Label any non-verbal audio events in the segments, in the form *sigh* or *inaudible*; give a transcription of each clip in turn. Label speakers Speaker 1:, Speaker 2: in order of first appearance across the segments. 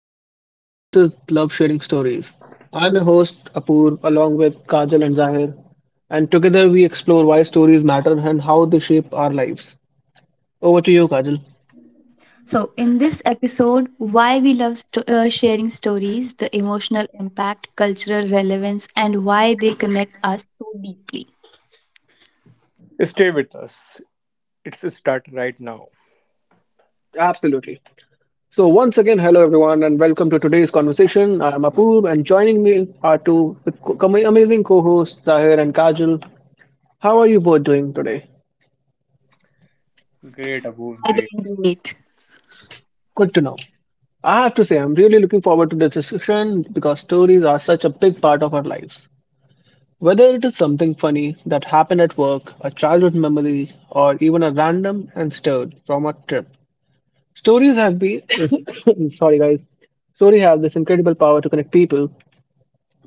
Speaker 1: welcome. This is Love Sharing Stories. I'm your host Apoor along with Kajal and Zahir, and together we explore why stories matter and how they shape our lives. Over to you, Kajal.
Speaker 2: So, in this episode, why we love sharing stories, the emotional impact, cultural relevance, and why they connect us so deeply.
Speaker 3: Stay with us. It's start right now.
Speaker 1: Absolutely. So, once again, hello everyone, and welcome to today's conversation. I'm Apoor, and joining me are two amazing co hosts, Zahir and Kajal. How are you both doing today?
Speaker 3: Great, Above,
Speaker 2: I
Speaker 3: great.
Speaker 2: don't relate.
Speaker 1: Good to know. I have to say, I'm really looking forward to this discussion because stories are such a big part of our lives. Whether it is something funny that happened at work, a childhood memory, or even a random and stirred from a trip, stories have been. *coughs* Sorry, guys. Stories have this incredible power to connect people.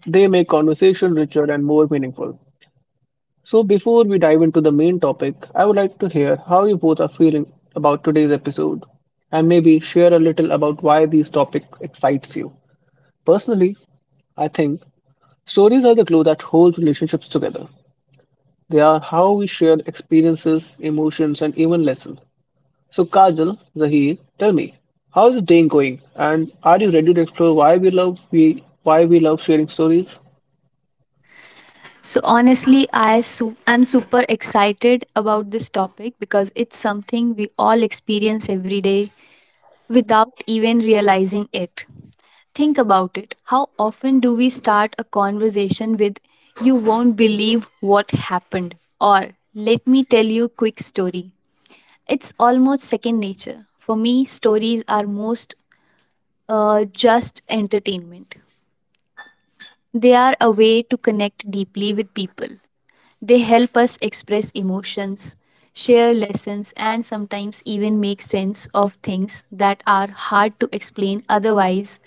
Speaker 1: They make conversation richer and more meaningful. So, before we dive into the main topic, I would like to hear how you both are feeling about today's episode, and maybe share a little about why this topic excites you. Personally, I think stories are the glue that holds relationships together. They are how we share experiences, emotions, and even lessons. So, Kajal, Zahir, tell me, how's the day going? And are you ready to explore why we love sharing stories?
Speaker 2: So, honestly, I'm super excited about this topic because it's something we all experience every day without even realizing it. Think about it. How often do we start a conversation with, "You won't believe what happened," or "let me tell you a quick story?" It's almost second nature. For me, stories are most just entertainment. They are a way to connect deeply with people. They help us express emotions, share lessons, and sometimes even make sense of things that are hard to explain otherwise.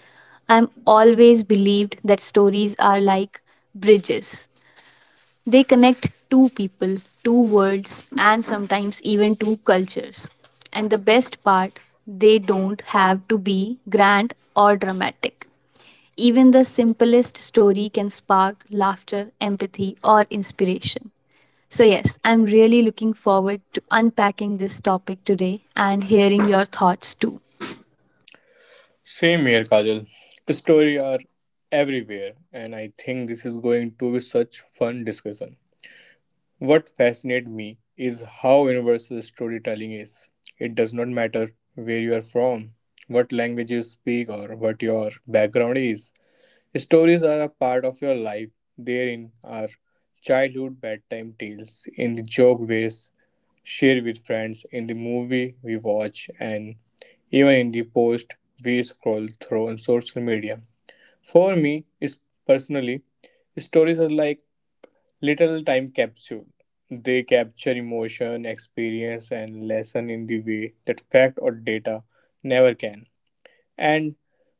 Speaker 2: I'm always believed that stories are like bridges. They connect two people, two worlds, and sometimes even two cultures. And the best part, they don't have to be grand or dramatic. Even the simplest story can spark laughter, empathy, or inspiration. So, yes, I'm really looking forward to unpacking this topic today and hearing your thoughts too.
Speaker 3: Same here, Kajal. Story are everywhere, and I think this is going to be such fun discussion. What fascinates me is how universal storytelling is. It does not matter where you are from, what language you speak, or what your background is. Stories are a part of your life. Therein are childhood bedtime tales in the joke ways share with friends, in the movie we watch, and even in the post we scroll through on social media. For me, is personally, stories are like little time capsule. They capture emotion, experience, and lesson in the way that fact or data never can. And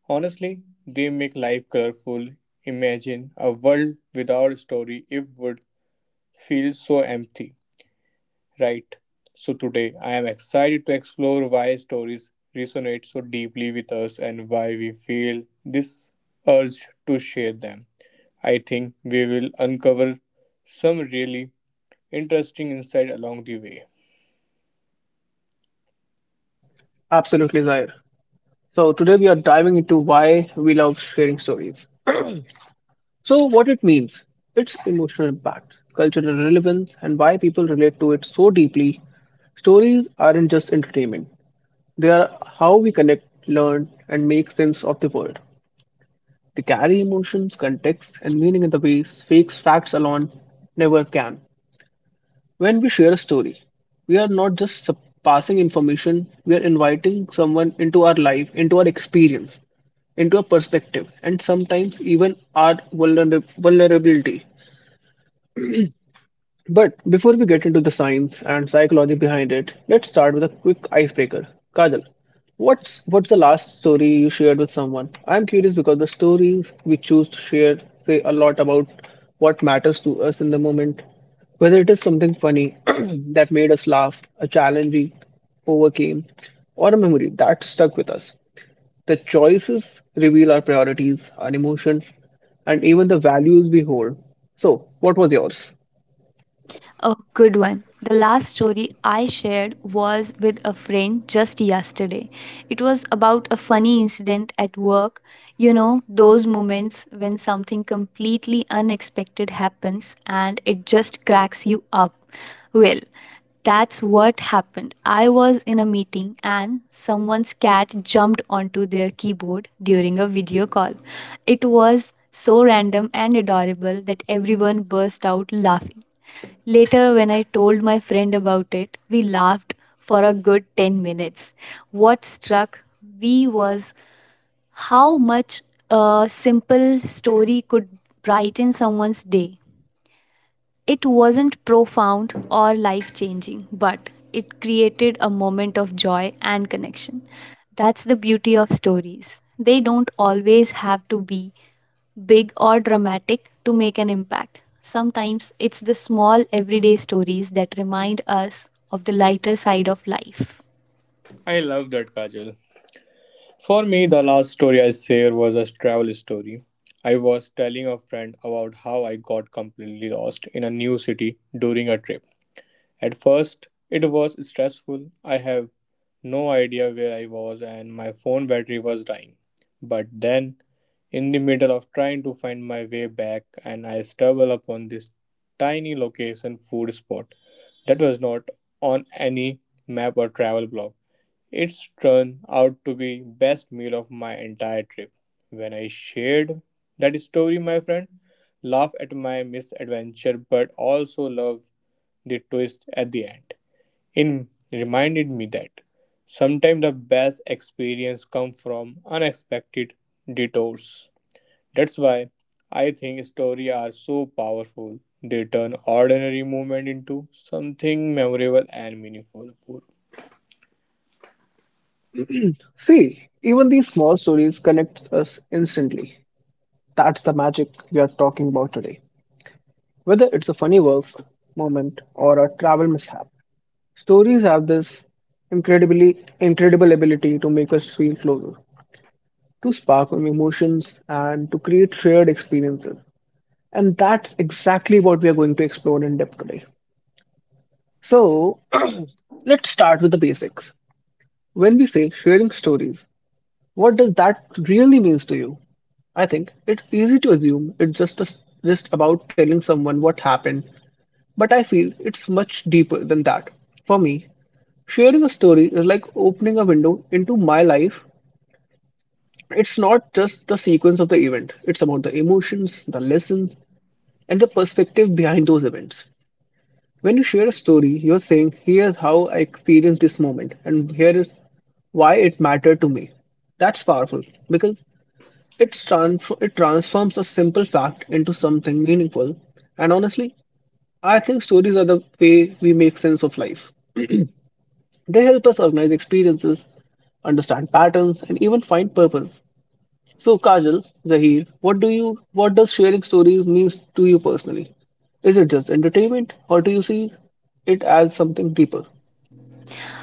Speaker 3: honestly, they make life colorful. Imagine a world without story, it would feel so empty. Right. So today I am excited to explore why stories resonate so deeply with us and why we feel this urge to share them. I think we will uncover some really interesting insight along the way.
Speaker 1: Absolutely, Zahir. So today we are diving into why we love sharing stories. So what it means, its emotional impact, cultural relevance, and why people relate to it so deeply. Stories aren't just entertainment; they are how we connect, learn, and make sense of the world. They carry emotions, context, and meaning in the ways fakes facts alone never can. When we share a story, we are not just passing information, we are inviting someone into our life, into our experience, into our perspective, and sometimes even our vulnerability. But before we get into the science and psychology behind it, let's start with a quick icebreaker. Kajal, what's the last story you shared with someone? I'm curious because the stories we choose to share say a lot about what matters to us in the moment. Whether it is something funny *clears throat* that made us laugh, a challenge we overcame, or a memory that stuck with us. The choices reveal our priorities, our emotions, and even the values we hold. So, what was yours?
Speaker 2: A good one. The last story I shared was with a friend just yesterday. It was about a funny incident at work. You know, those moments when something completely unexpected happens and it just cracks you up. Well, that's what happened. I was in a meeting and someone's cat jumped onto their keyboard during a video call. It was so random and adorable that everyone burst out laughing. Later, when I told my friend about it, we laughed for a good 10 minutes. What struck me was how much a simple story could brighten someone's day. It wasn't profound or life changing, but it created a moment of joy and connection. That's the beauty of stories. They don't always have to be big or dramatic to make an impact. Sometimes it's the small everyday stories that remind us of the lighter side of life.
Speaker 3: I love that, Kajal. For me, the last story I share was a travel story. I was telling a friend about how I got completely lost in a new city during a trip. At first, it was stressful. I have no idea where I was, and my phone battery was dying. But then, in the middle of trying to find my way back, and I stumble upon this tiny location food spot that was not on any map or travel blog. It's turned out to be best meal of my entire trip. When I shared that story, my friend laughed at my misadventure, but also loved the twist at the end. It reminded me that sometimes the best experience come from unexpected detours. That's why I think stories are so powerful. They turn ordinary moment into something memorable and meaningful.
Speaker 1: See, even these small stories connect us instantly. That's the magic we are talking about today. Whether it's a funny work moment or a travel mishap, stories have this incredibly incredible ability to make us feel closer, to spark our emotions, and to create shared experiences. And that's exactly what we are going to explore in depth today. So, *clears throat* let's start with the basics. When we say sharing stories, what does that really means to you? I think it's easy to assume just about telling someone what happened, but I feel it's much deeper than that. For me, sharing a story is like opening a window into my life. It's not just the sequence of the event, it's about the emotions, the lessons, and the perspective behind those events. When you share a story, you're saying, here's how I experienced this moment, and here is why it mattered to me. That's powerful because it transforms a simple fact into something meaningful. And honestly, I think stories are the way we make sense of life. They help us organize experiences, understand patterns, and even find purpose. So, Kajal, Zahir, what does sharing stories means to you personally? Is it just entertainment, or do you see it as something deeper?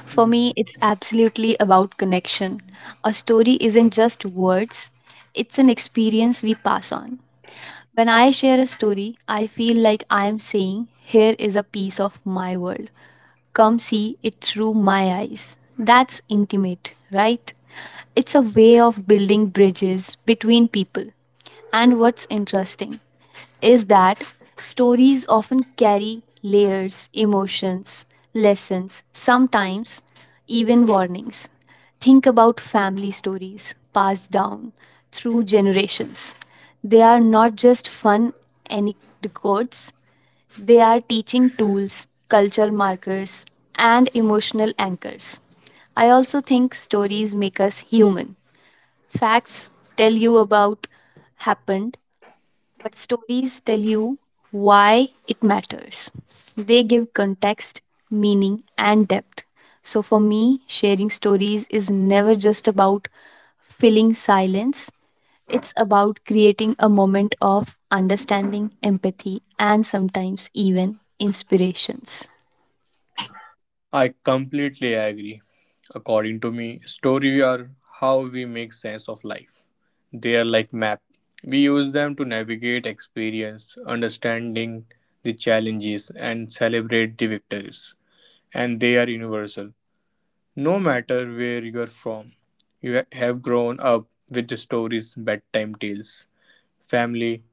Speaker 2: For me, it's absolutely about connection. A story isn't just words, it's an experience we pass on. When I share a story, I feel like I am saying, "Here is a piece of my world. Come see it through my eyes." That's intimate, right? It's a way of building bridges between people. And what's interesting is that stories often carry layers, emotions, lessons, sometimes even warnings. Think about family stories passed down through generations. They are not just fun anecdotes, they are teaching tools, culture markers, and emotional anchors. I also think stories make us human. Facts tell you about happened, but stories tell you why it matters. They give context, meaning, and depth. So for me, sharing stories is never just about filling silence, it's about creating a moment of understanding, empathy, and sometimes even inspirations.
Speaker 3: I completely agree. According to me, stories are how we make sense of life. They are like map. We use them to navigate experience, understanding the challenges and celebrate the victories. And they are universal. No matter where you're from, you have grown up with the stories, bedtime tales, family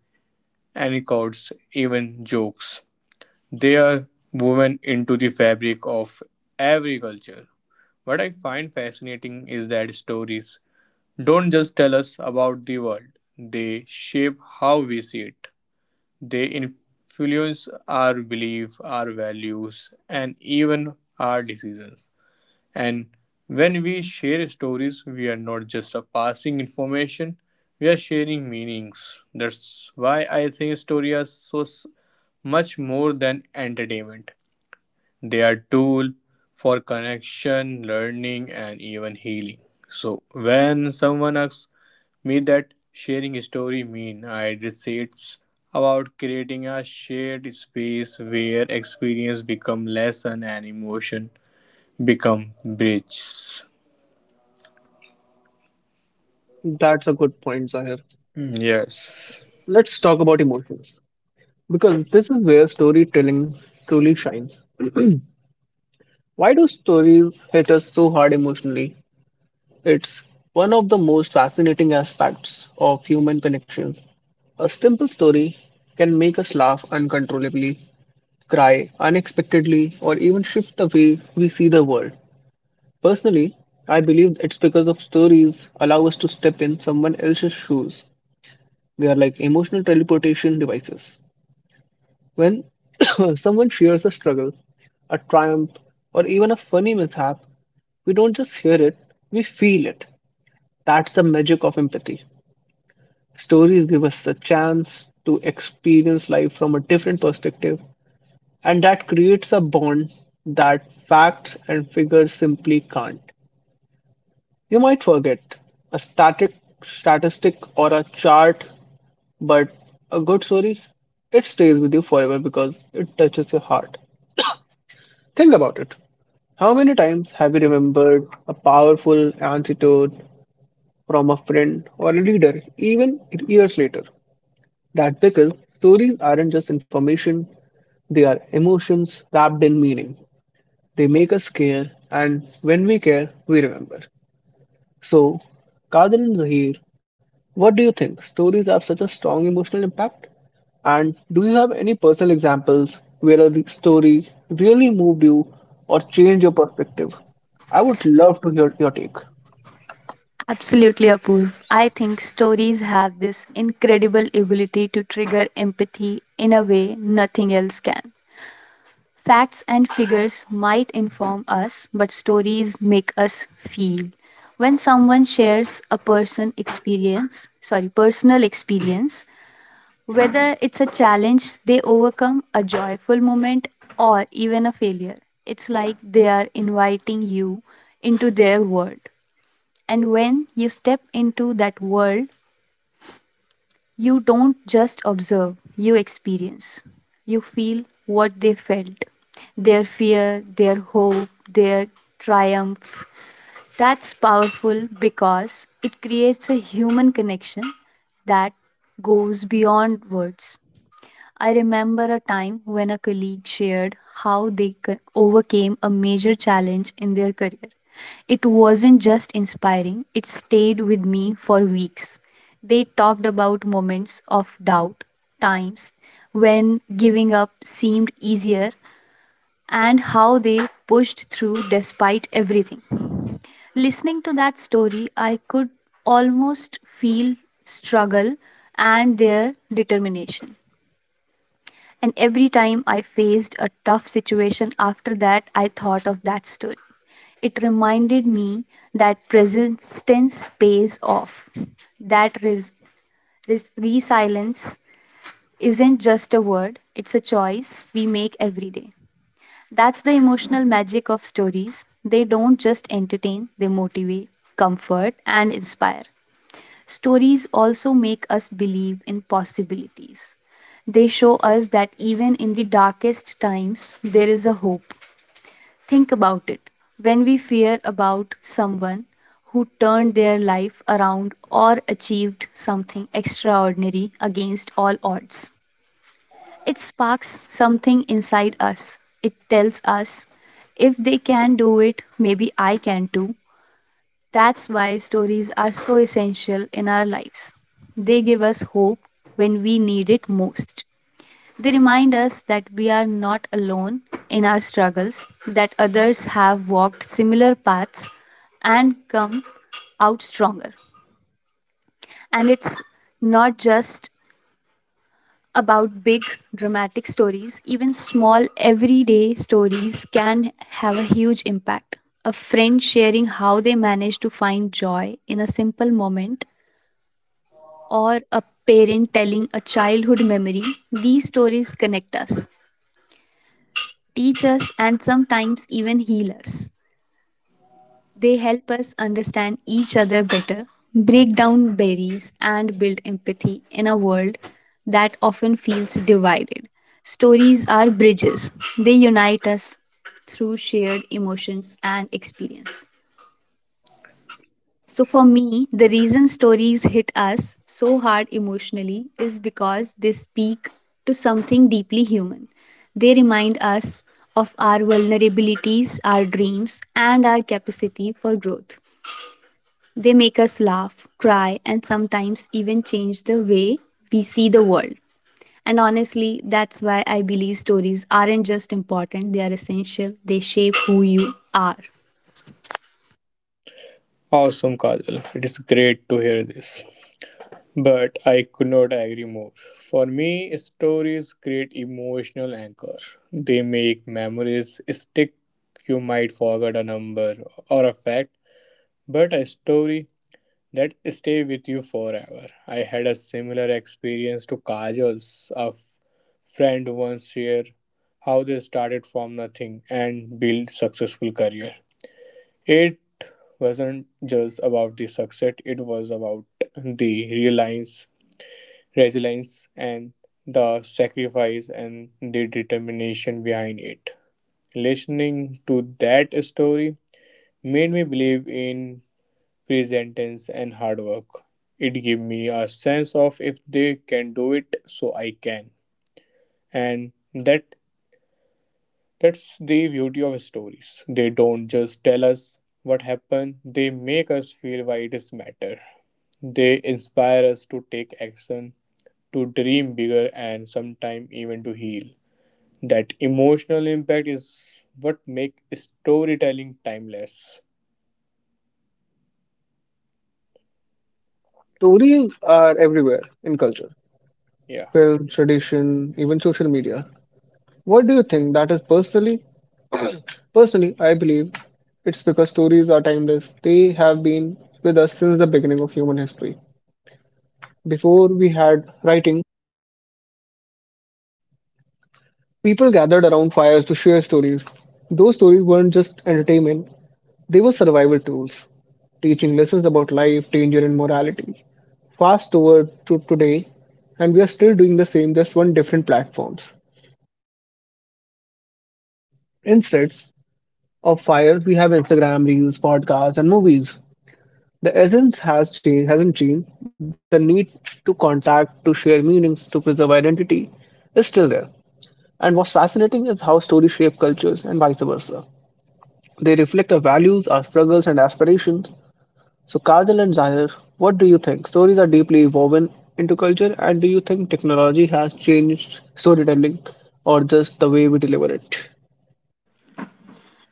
Speaker 3: anecdotes, even jokes. They are woven into the fabric of every culture. What I find fascinating is that stories don't just tell us about the world, they shape how we see it. They influence our belief, our values, and even our decisions. And when we share stories, we are not just a passing information, we are sharing meanings. That's why I think stories are much more than entertainment. They are tool for connection, learning, and even healing. So when someone asks me that sharing a story mean, I just say it's about creating a shared space where experience become lesson and emotion become bridges.
Speaker 1: That's a good point, Zahir.
Speaker 3: Mm, yes.
Speaker 1: Let's talk about emotions because this is where storytelling truly shines. Why do stories hit us so hard emotionally? It's one of the most fascinating aspects of human connections. A simple story can make us laugh uncontrollably, cry unexpectedly, or even shift the way we see the world. Personally, I believe it's because of stories allow us to step in someone else's shoes. They are like emotional teleportation devices. When *coughs* someone shares a struggle, a triumph, or even a funny mishap, we don't just hear it, we feel it. That's the magic of empathy. Stories give us a chance to experience life from a different perspective, and that creates a bond that facts and figures simply can't. You might forget a static statistic or a chart, but a good story, it stays with you forever because it touches your heart. Think about it. How many times have you remembered a powerful anecdote from a friend or a leader, even years later? That because stories aren't just information, they are emotions wrapped in meaning. They make us care, and when we care, we remember. So, Kadil and Zahir, what do you think? Stories have such a strong emotional impact? And do you have any personal examples where a story really moved you or changed your perspective? I would love to hear your take.
Speaker 2: Absolutely, Apoorv. I think stories have this incredible ability to trigger empathy in a way nothing else can. Facts and figures might inform us, but stories make us feel. When someone shares a person experience, sorry, personal experience, whether it's a challenge they overcome, a joyful moment, or even a failure, it's like they are inviting you into their world. And when you step into that world, you don't just observe, you experience. You feel what they felt their fear, their hope, their triumph. That's powerful because it creates a human connection that goes beyond words. I remember a time when a colleague shared how they overcame a major challenge in their career. It wasn't just inspiring, it stayed with me for weeks. They talked about moments of doubt, times when giving up seemed easier, and how they pushed through despite everything. Listening to that story, I could almost feel struggle and their determination. And every time I faced a tough situation after that, I thought of that story. It reminded me that persistence pays off, that resilience isn't just a word, it's a choice we make every day. That's the emotional magic of stories. They don't just entertain, they motivate, comfort, and inspire. Stories also make us believe in possibilities. They show us that even in the darkest times, there is a hope. Think about it. When we fear about someone who turned their life around or achieved something extraordinary against all odds, it sparks something inside us. It tells us if they can do it, maybe I can too. That's why stories are so essential in our lives. They give us hope when we need it most. They remind us that we are not alone in our struggles, that others have walked similar paths and come out stronger. And it's not just about big dramatic stories, even small everyday stories can have a huge impact. A friend sharing how they managed to find joy in a simple moment or a parent telling a childhood memory, these stories connect us, teach us, and sometimes even heal us. They help us understand each other better, break down barriers, and build empathy in a world that often feels divided. Stories are bridges, they unite us through shared emotions and experience. So, for me, the reason stories hit us so hard emotionally is because they speak to something deeply human. They remind us of our vulnerabilities, our dreams, and our capacity for growth. They make us laugh, cry, and sometimes even change the way we see the world. And honestly, that's why I believe stories aren't just important, they are essential. They shape who you are.
Speaker 3: Awesome, Kajal. It is great to hear this. But I could not agree more. For me, stories create emotional anchor. They make memories stick. You might forget a number or a fact, but a story that stay with you forever. I had a similar experience to Kajal's. A friend once shared how they started from nothing and built successful career. It wasn't just about the success, it was about the reliance, resilience, and the sacrifice and the determination behind it. Listening to that story made me believe in present tense and hard work. It gave me a sense of if they can do it, so I can. And that that's the beauty of stories. They don't just tell us what happened, they make us feel why it is matter. They inspire us to take action, to dream bigger, and sometimes even to heal. That emotional impact is what make storytelling timeless.
Speaker 1: Stories are everywhere in culture,
Speaker 3: Yeah.
Speaker 1: film, tradition, even social media. What do you think that is personally? Personally, I believe it's because stories are timeless. They have been with us since the beginning of human history. Before we had writing, people gathered around fires to share stories. Those stories weren't just entertainment, they were survival tools, teaching lessons about life, danger, and morality. Fast forward to today, and we are still doing the same, just on different platforms. Instead of fires, we have Instagram reels, podcasts, and movies. The essence has changed, hasn't changed. The need to contact, to share meanings, to preserve identity is still there. And what's fascinating is how stories shape cultures and vice versa. They reflect our values, our struggles, and aspirations. So, Kajal and Zahir, what do you think? Stories are deeply woven into culture, and do you think technology has changed storytelling or just the way we deliver it?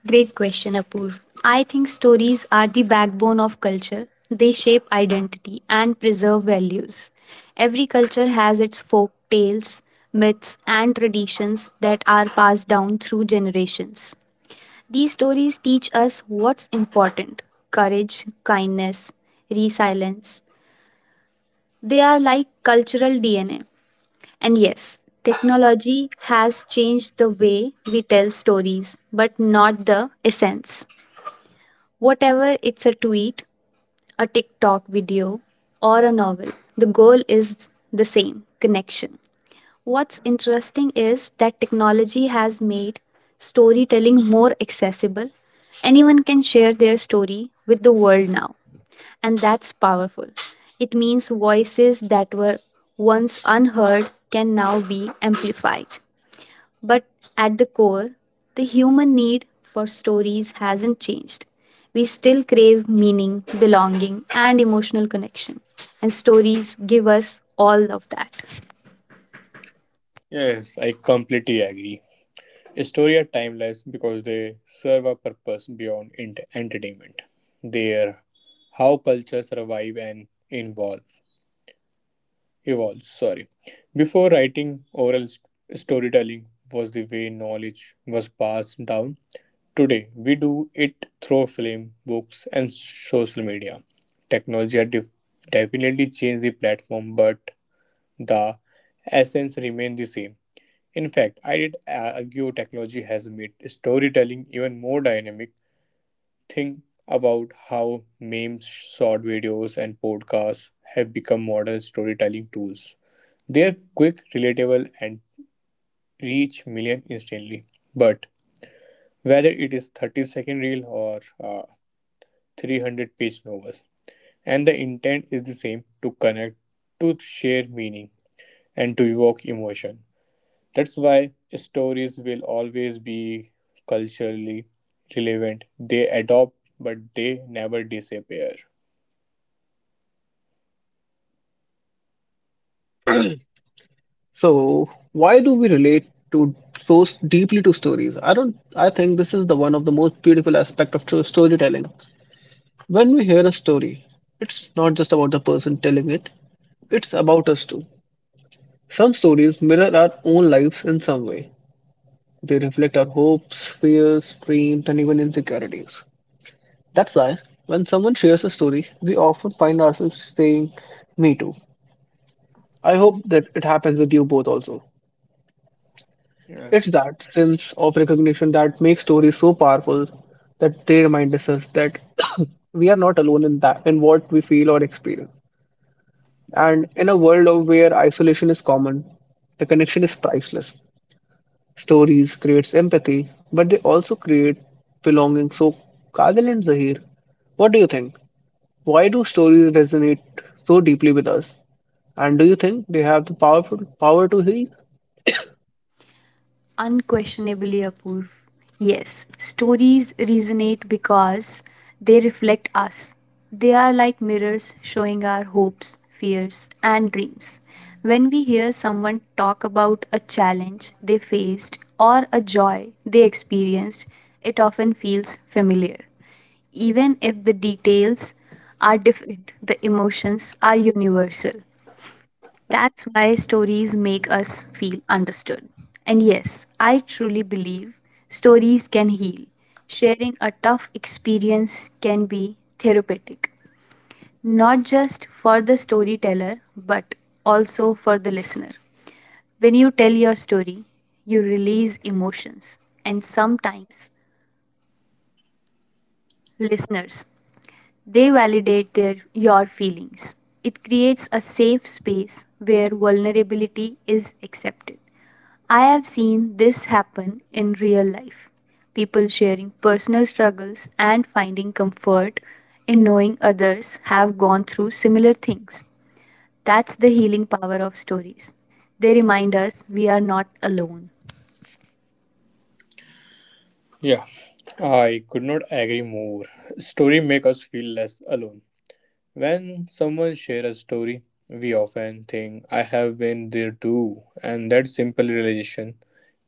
Speaker 2: Great question, Apoorv. I think stories are the backbone of culture. They shape identity and preserve values. Every culture has its folk tales, myths, and traditions that are passed down through generations. These stories teach us what's important courage, kindness, resilience. They are like cultural DNA. And yes, technology has changed the way we tell stories, but not the essence. Whatever it's a tweet, a TikTok video, or a novel, the goal is the same connection. What's interesting is that technology has made storytelling more accessible. Anyone can share their story with the world now, and that's powerful. It means voices that were once unheard can now be amplified. But at the core, the human need for stories hasn't changed. We still crave meaning, belonging, and emotional connection. And stories give us all of that.
Speaker 3: Yes, I completely agree. Stories are timeless because they serve a purpose beyond entertainment. They are how culture survive and evolve. Evolve. Sorry. Before writing, oral storytelling was the way knowledge was passed down. Today, we do it through film, books, and social media. Technology has definitely changed the platform, but the essence remains the same. In fact, I did argue technology has made storytelling even more dynamic. Think about how memes, short videos, and podcasts have become modern storytelling tools. They are quick, relatable, and reach millions instantly. But whether it is 30-second reel or 300-page novels, and the intent is the same to connect, to share meaning, and to evoke emotion. That's why stories will always be culturally relevant. They adopt, but they never disappear.
Speaker 1: So, why do we relate to so deeply to stories? I don't. I think this is the one of the most beautiful aspect of true storytelling. When we hear a story, it's not just about the person telling it; it's about us too. Some stories mirror our own lives in some way. They reflect our hopes, fears, dreams, and even insecurities. That's why, when someone shares a story, we often find ourselves saying, me too. I hope that it happens with you both also.
Speaker 3: Yes.
Speaker 1: It's that sense of recognition that makes stories so powerful that they remind us that *coughs* we are not alone in what we feel or experience. And in a world of where isolation is common, the connection is priceless. Stories creates empathy, but they also create belonging. So, Kajal and Zahir, what do you think? Why do stories resonate so deeply with us? And do you think they have the powerful power to heal?
Speaker 2: Unquestionably, Apoorv. Yes, stories resonate because they reflect us. They are like mirrors showing our hopes, fears, and dreams. When we hear someone talk about a challenge they faced or a joy they experienced, it often feels familiar. Even if the details are different, the emotions are universal. That's why stories make us feel understood. And yes, I truly believe stories can heal. Sharing a tough experience can be therapeutic, not just for the storyteller, but also for the listener. When you tell your story, you release emotions, and sometimes listeners they validate their your feelings. It creates a safe space where vulnerability is accepted. I have seen this happen in real life. People sharing personal struggles and finding comfort in knowing others have gone through similar things. That's the healing power of stories. They remind us we are not alone.
Speaker 3: Yeah, I could not agree more. Story make us feel less alone. When someone share a story, we often think I have been there too, and that simple realization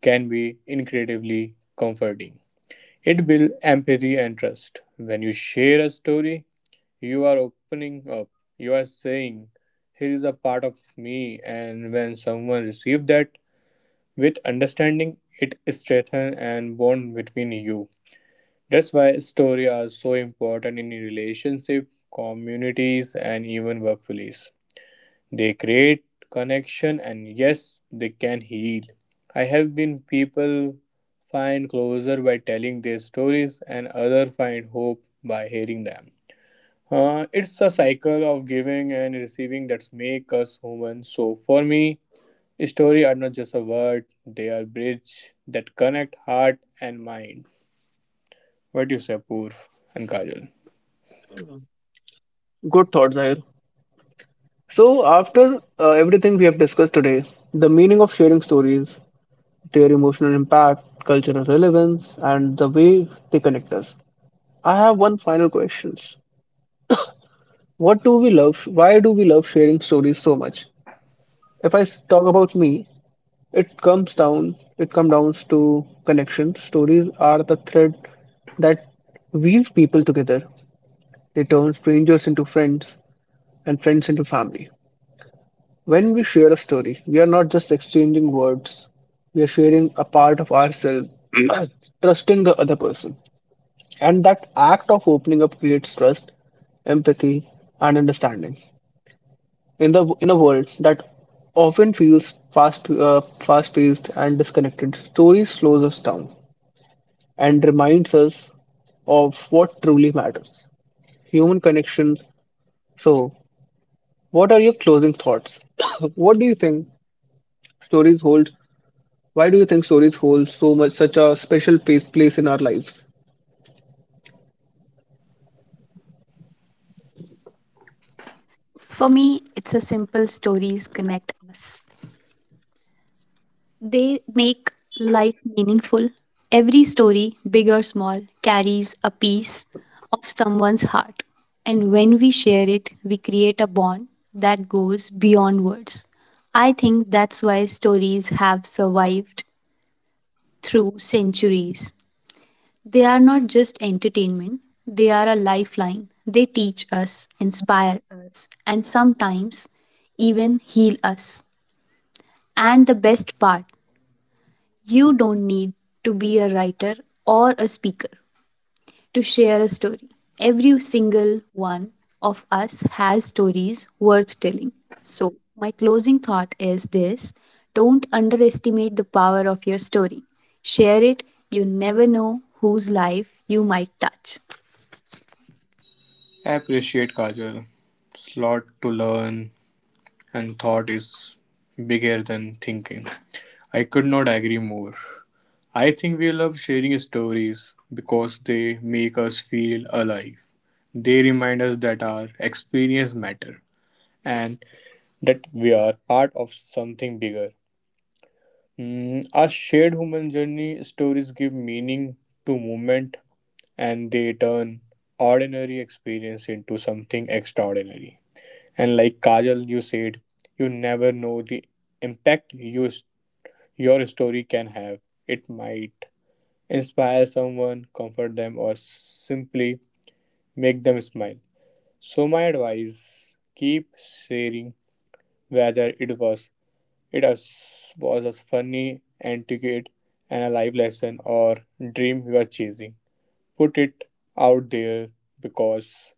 Speaker 3: can be incredibly comforting. It builds empathy and trust. When you share a story, you are opening up. You are saying, here is a part of me. And when someone receives that with understanding, it strengthens and bond between you. That's why stories are so important in relationship, communities, and even workplace. They create connection and yes, they can heal. I have been people find closure by telling their stories and other find hope by hearing them. It's a cycle of giving and receiving that make us human. So for me, stories are not just a word; they are bridge that connect heart and mind. What do you say, Pur and Kajal?
Speaker 1: Good thoughts, Zahir. So, after everything we have discussed today, the meaning of sharing stories, their emotional impact, cultural relevance, and the way they connect us, I have one final question. What do we love? Why do we love sharing stories so much? If talk about me, it comes down to connection. Stories are the thread that weaves people together. They turn strangers into friends and friends into family. When we share a story, we are not just exchanging words. We are sharing a part of ourselves, *clears throat* trusting the other person. And that act of opening up creates trust, empathy, and understanding. In a world that often feels fast paced and disconnected, stories slows us down and reminds us of what truly matters, human connections. So, what are your closing thoughts? *coughs* What do you think stories hold? Why do you think stories hold so much, such a special place in our lives?
Speaker 2: For me, it's a simple stories connect us. They make life meaningful. Every story, big or small, carries a piece of someone's heart. And when we share it, we create a bond that goes beyond words. I think that's why stories have survived through centuries. They are not just entertainment, they are a lifeline. They teach us, inspire us, and sometimes even heal us. And the best part, you don't need to be a writer or a speaker to share a story. Every single one of us has stories worth telling. So, my closing thought is this don't underestimate the power of your story. Share it, you never know whose life you might touch.
Speaker 3: I appreciate Kajal. Slot to learn and thought is bigger than thinking. I could not agree more. I think we love sharing stories because they make us feel alive. They remind us that our experience matter and that we are part of something bigger. Mm, our shared human journey stories give meaning to movement and they turn ordinary experience into something extraordinary. And like Kajal, you said, you never know the impact you, your story can have. It might inspire someone, comfort them, or simply make them smile. So my advice: keep sharing, whether it was a funny anecdote and a life lesson or dream you are chasing. Put it out there because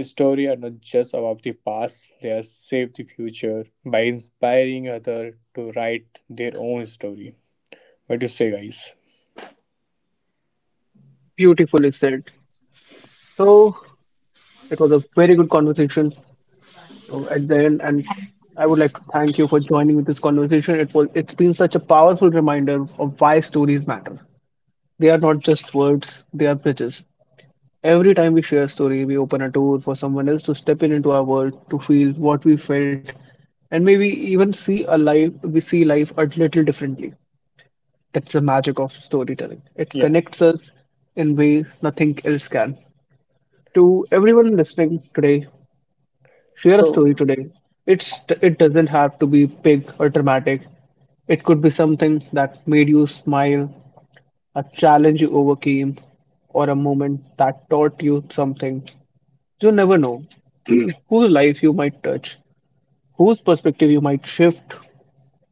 Speaker 3: stories are not just about the past; they are shape the future by inspiring others to write their own story. What do you say, guys?
Speaker 1: Beautifully said. So, it was a very good conversation at the end, and I would like to thank you for joining with this conversation. It's been such a powerful reminder of why stories matter. They are not just words; they are bridges. Every time we share a story, we open a door for someone else to step in into our world, to feel what we felt, and maybe even see a life we see life a little differently. That's the magic of storytelling. It
Speaker 3: Yeah.
Speaker 1: connects us in ways nothing else can. To everyone listening today, share a
Speaker 3: So
Speaker 1: story today. It doesn't have to be big or dramatic. It could be something that made you smile, a challenge you overcame, or a moment that taught you something. You never know *clears throat* whose life you might touch, whose perspective you might shift,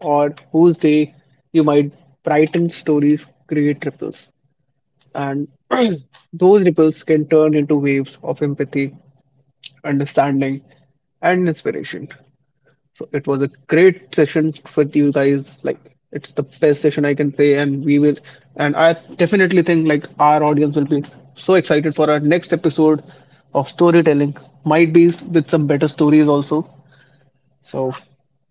Speaker 1: or whose day you might brighten stories, create ripples. And *clears throat* those ripples can turn into waves of empathy, understanding, and inspiration. So it was a great session with you guys. Like it's the best session I can say, and we will. And I definitely think like our audience will be so excited for our next episode of storytelling. Might be with some better stories also. So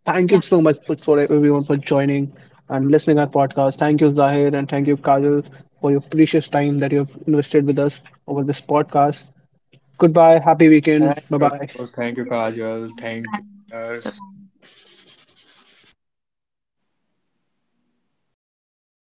Speaker 1: thank you
Speaker 2: Yeah.
Speaker 1: so much for everyone for joining and listening our podcast. Thank you Zahir and thank you Kajal for your precious time that you have invested with us over this podcast. Goodbye. Happy weekend.
Speaker 3: thank
Speaker 1: Bye
Speaker 3: you,
Speaker 1: bye.
Speaker 3: Kajal. Thank you. Nurse.
Speaker 2: So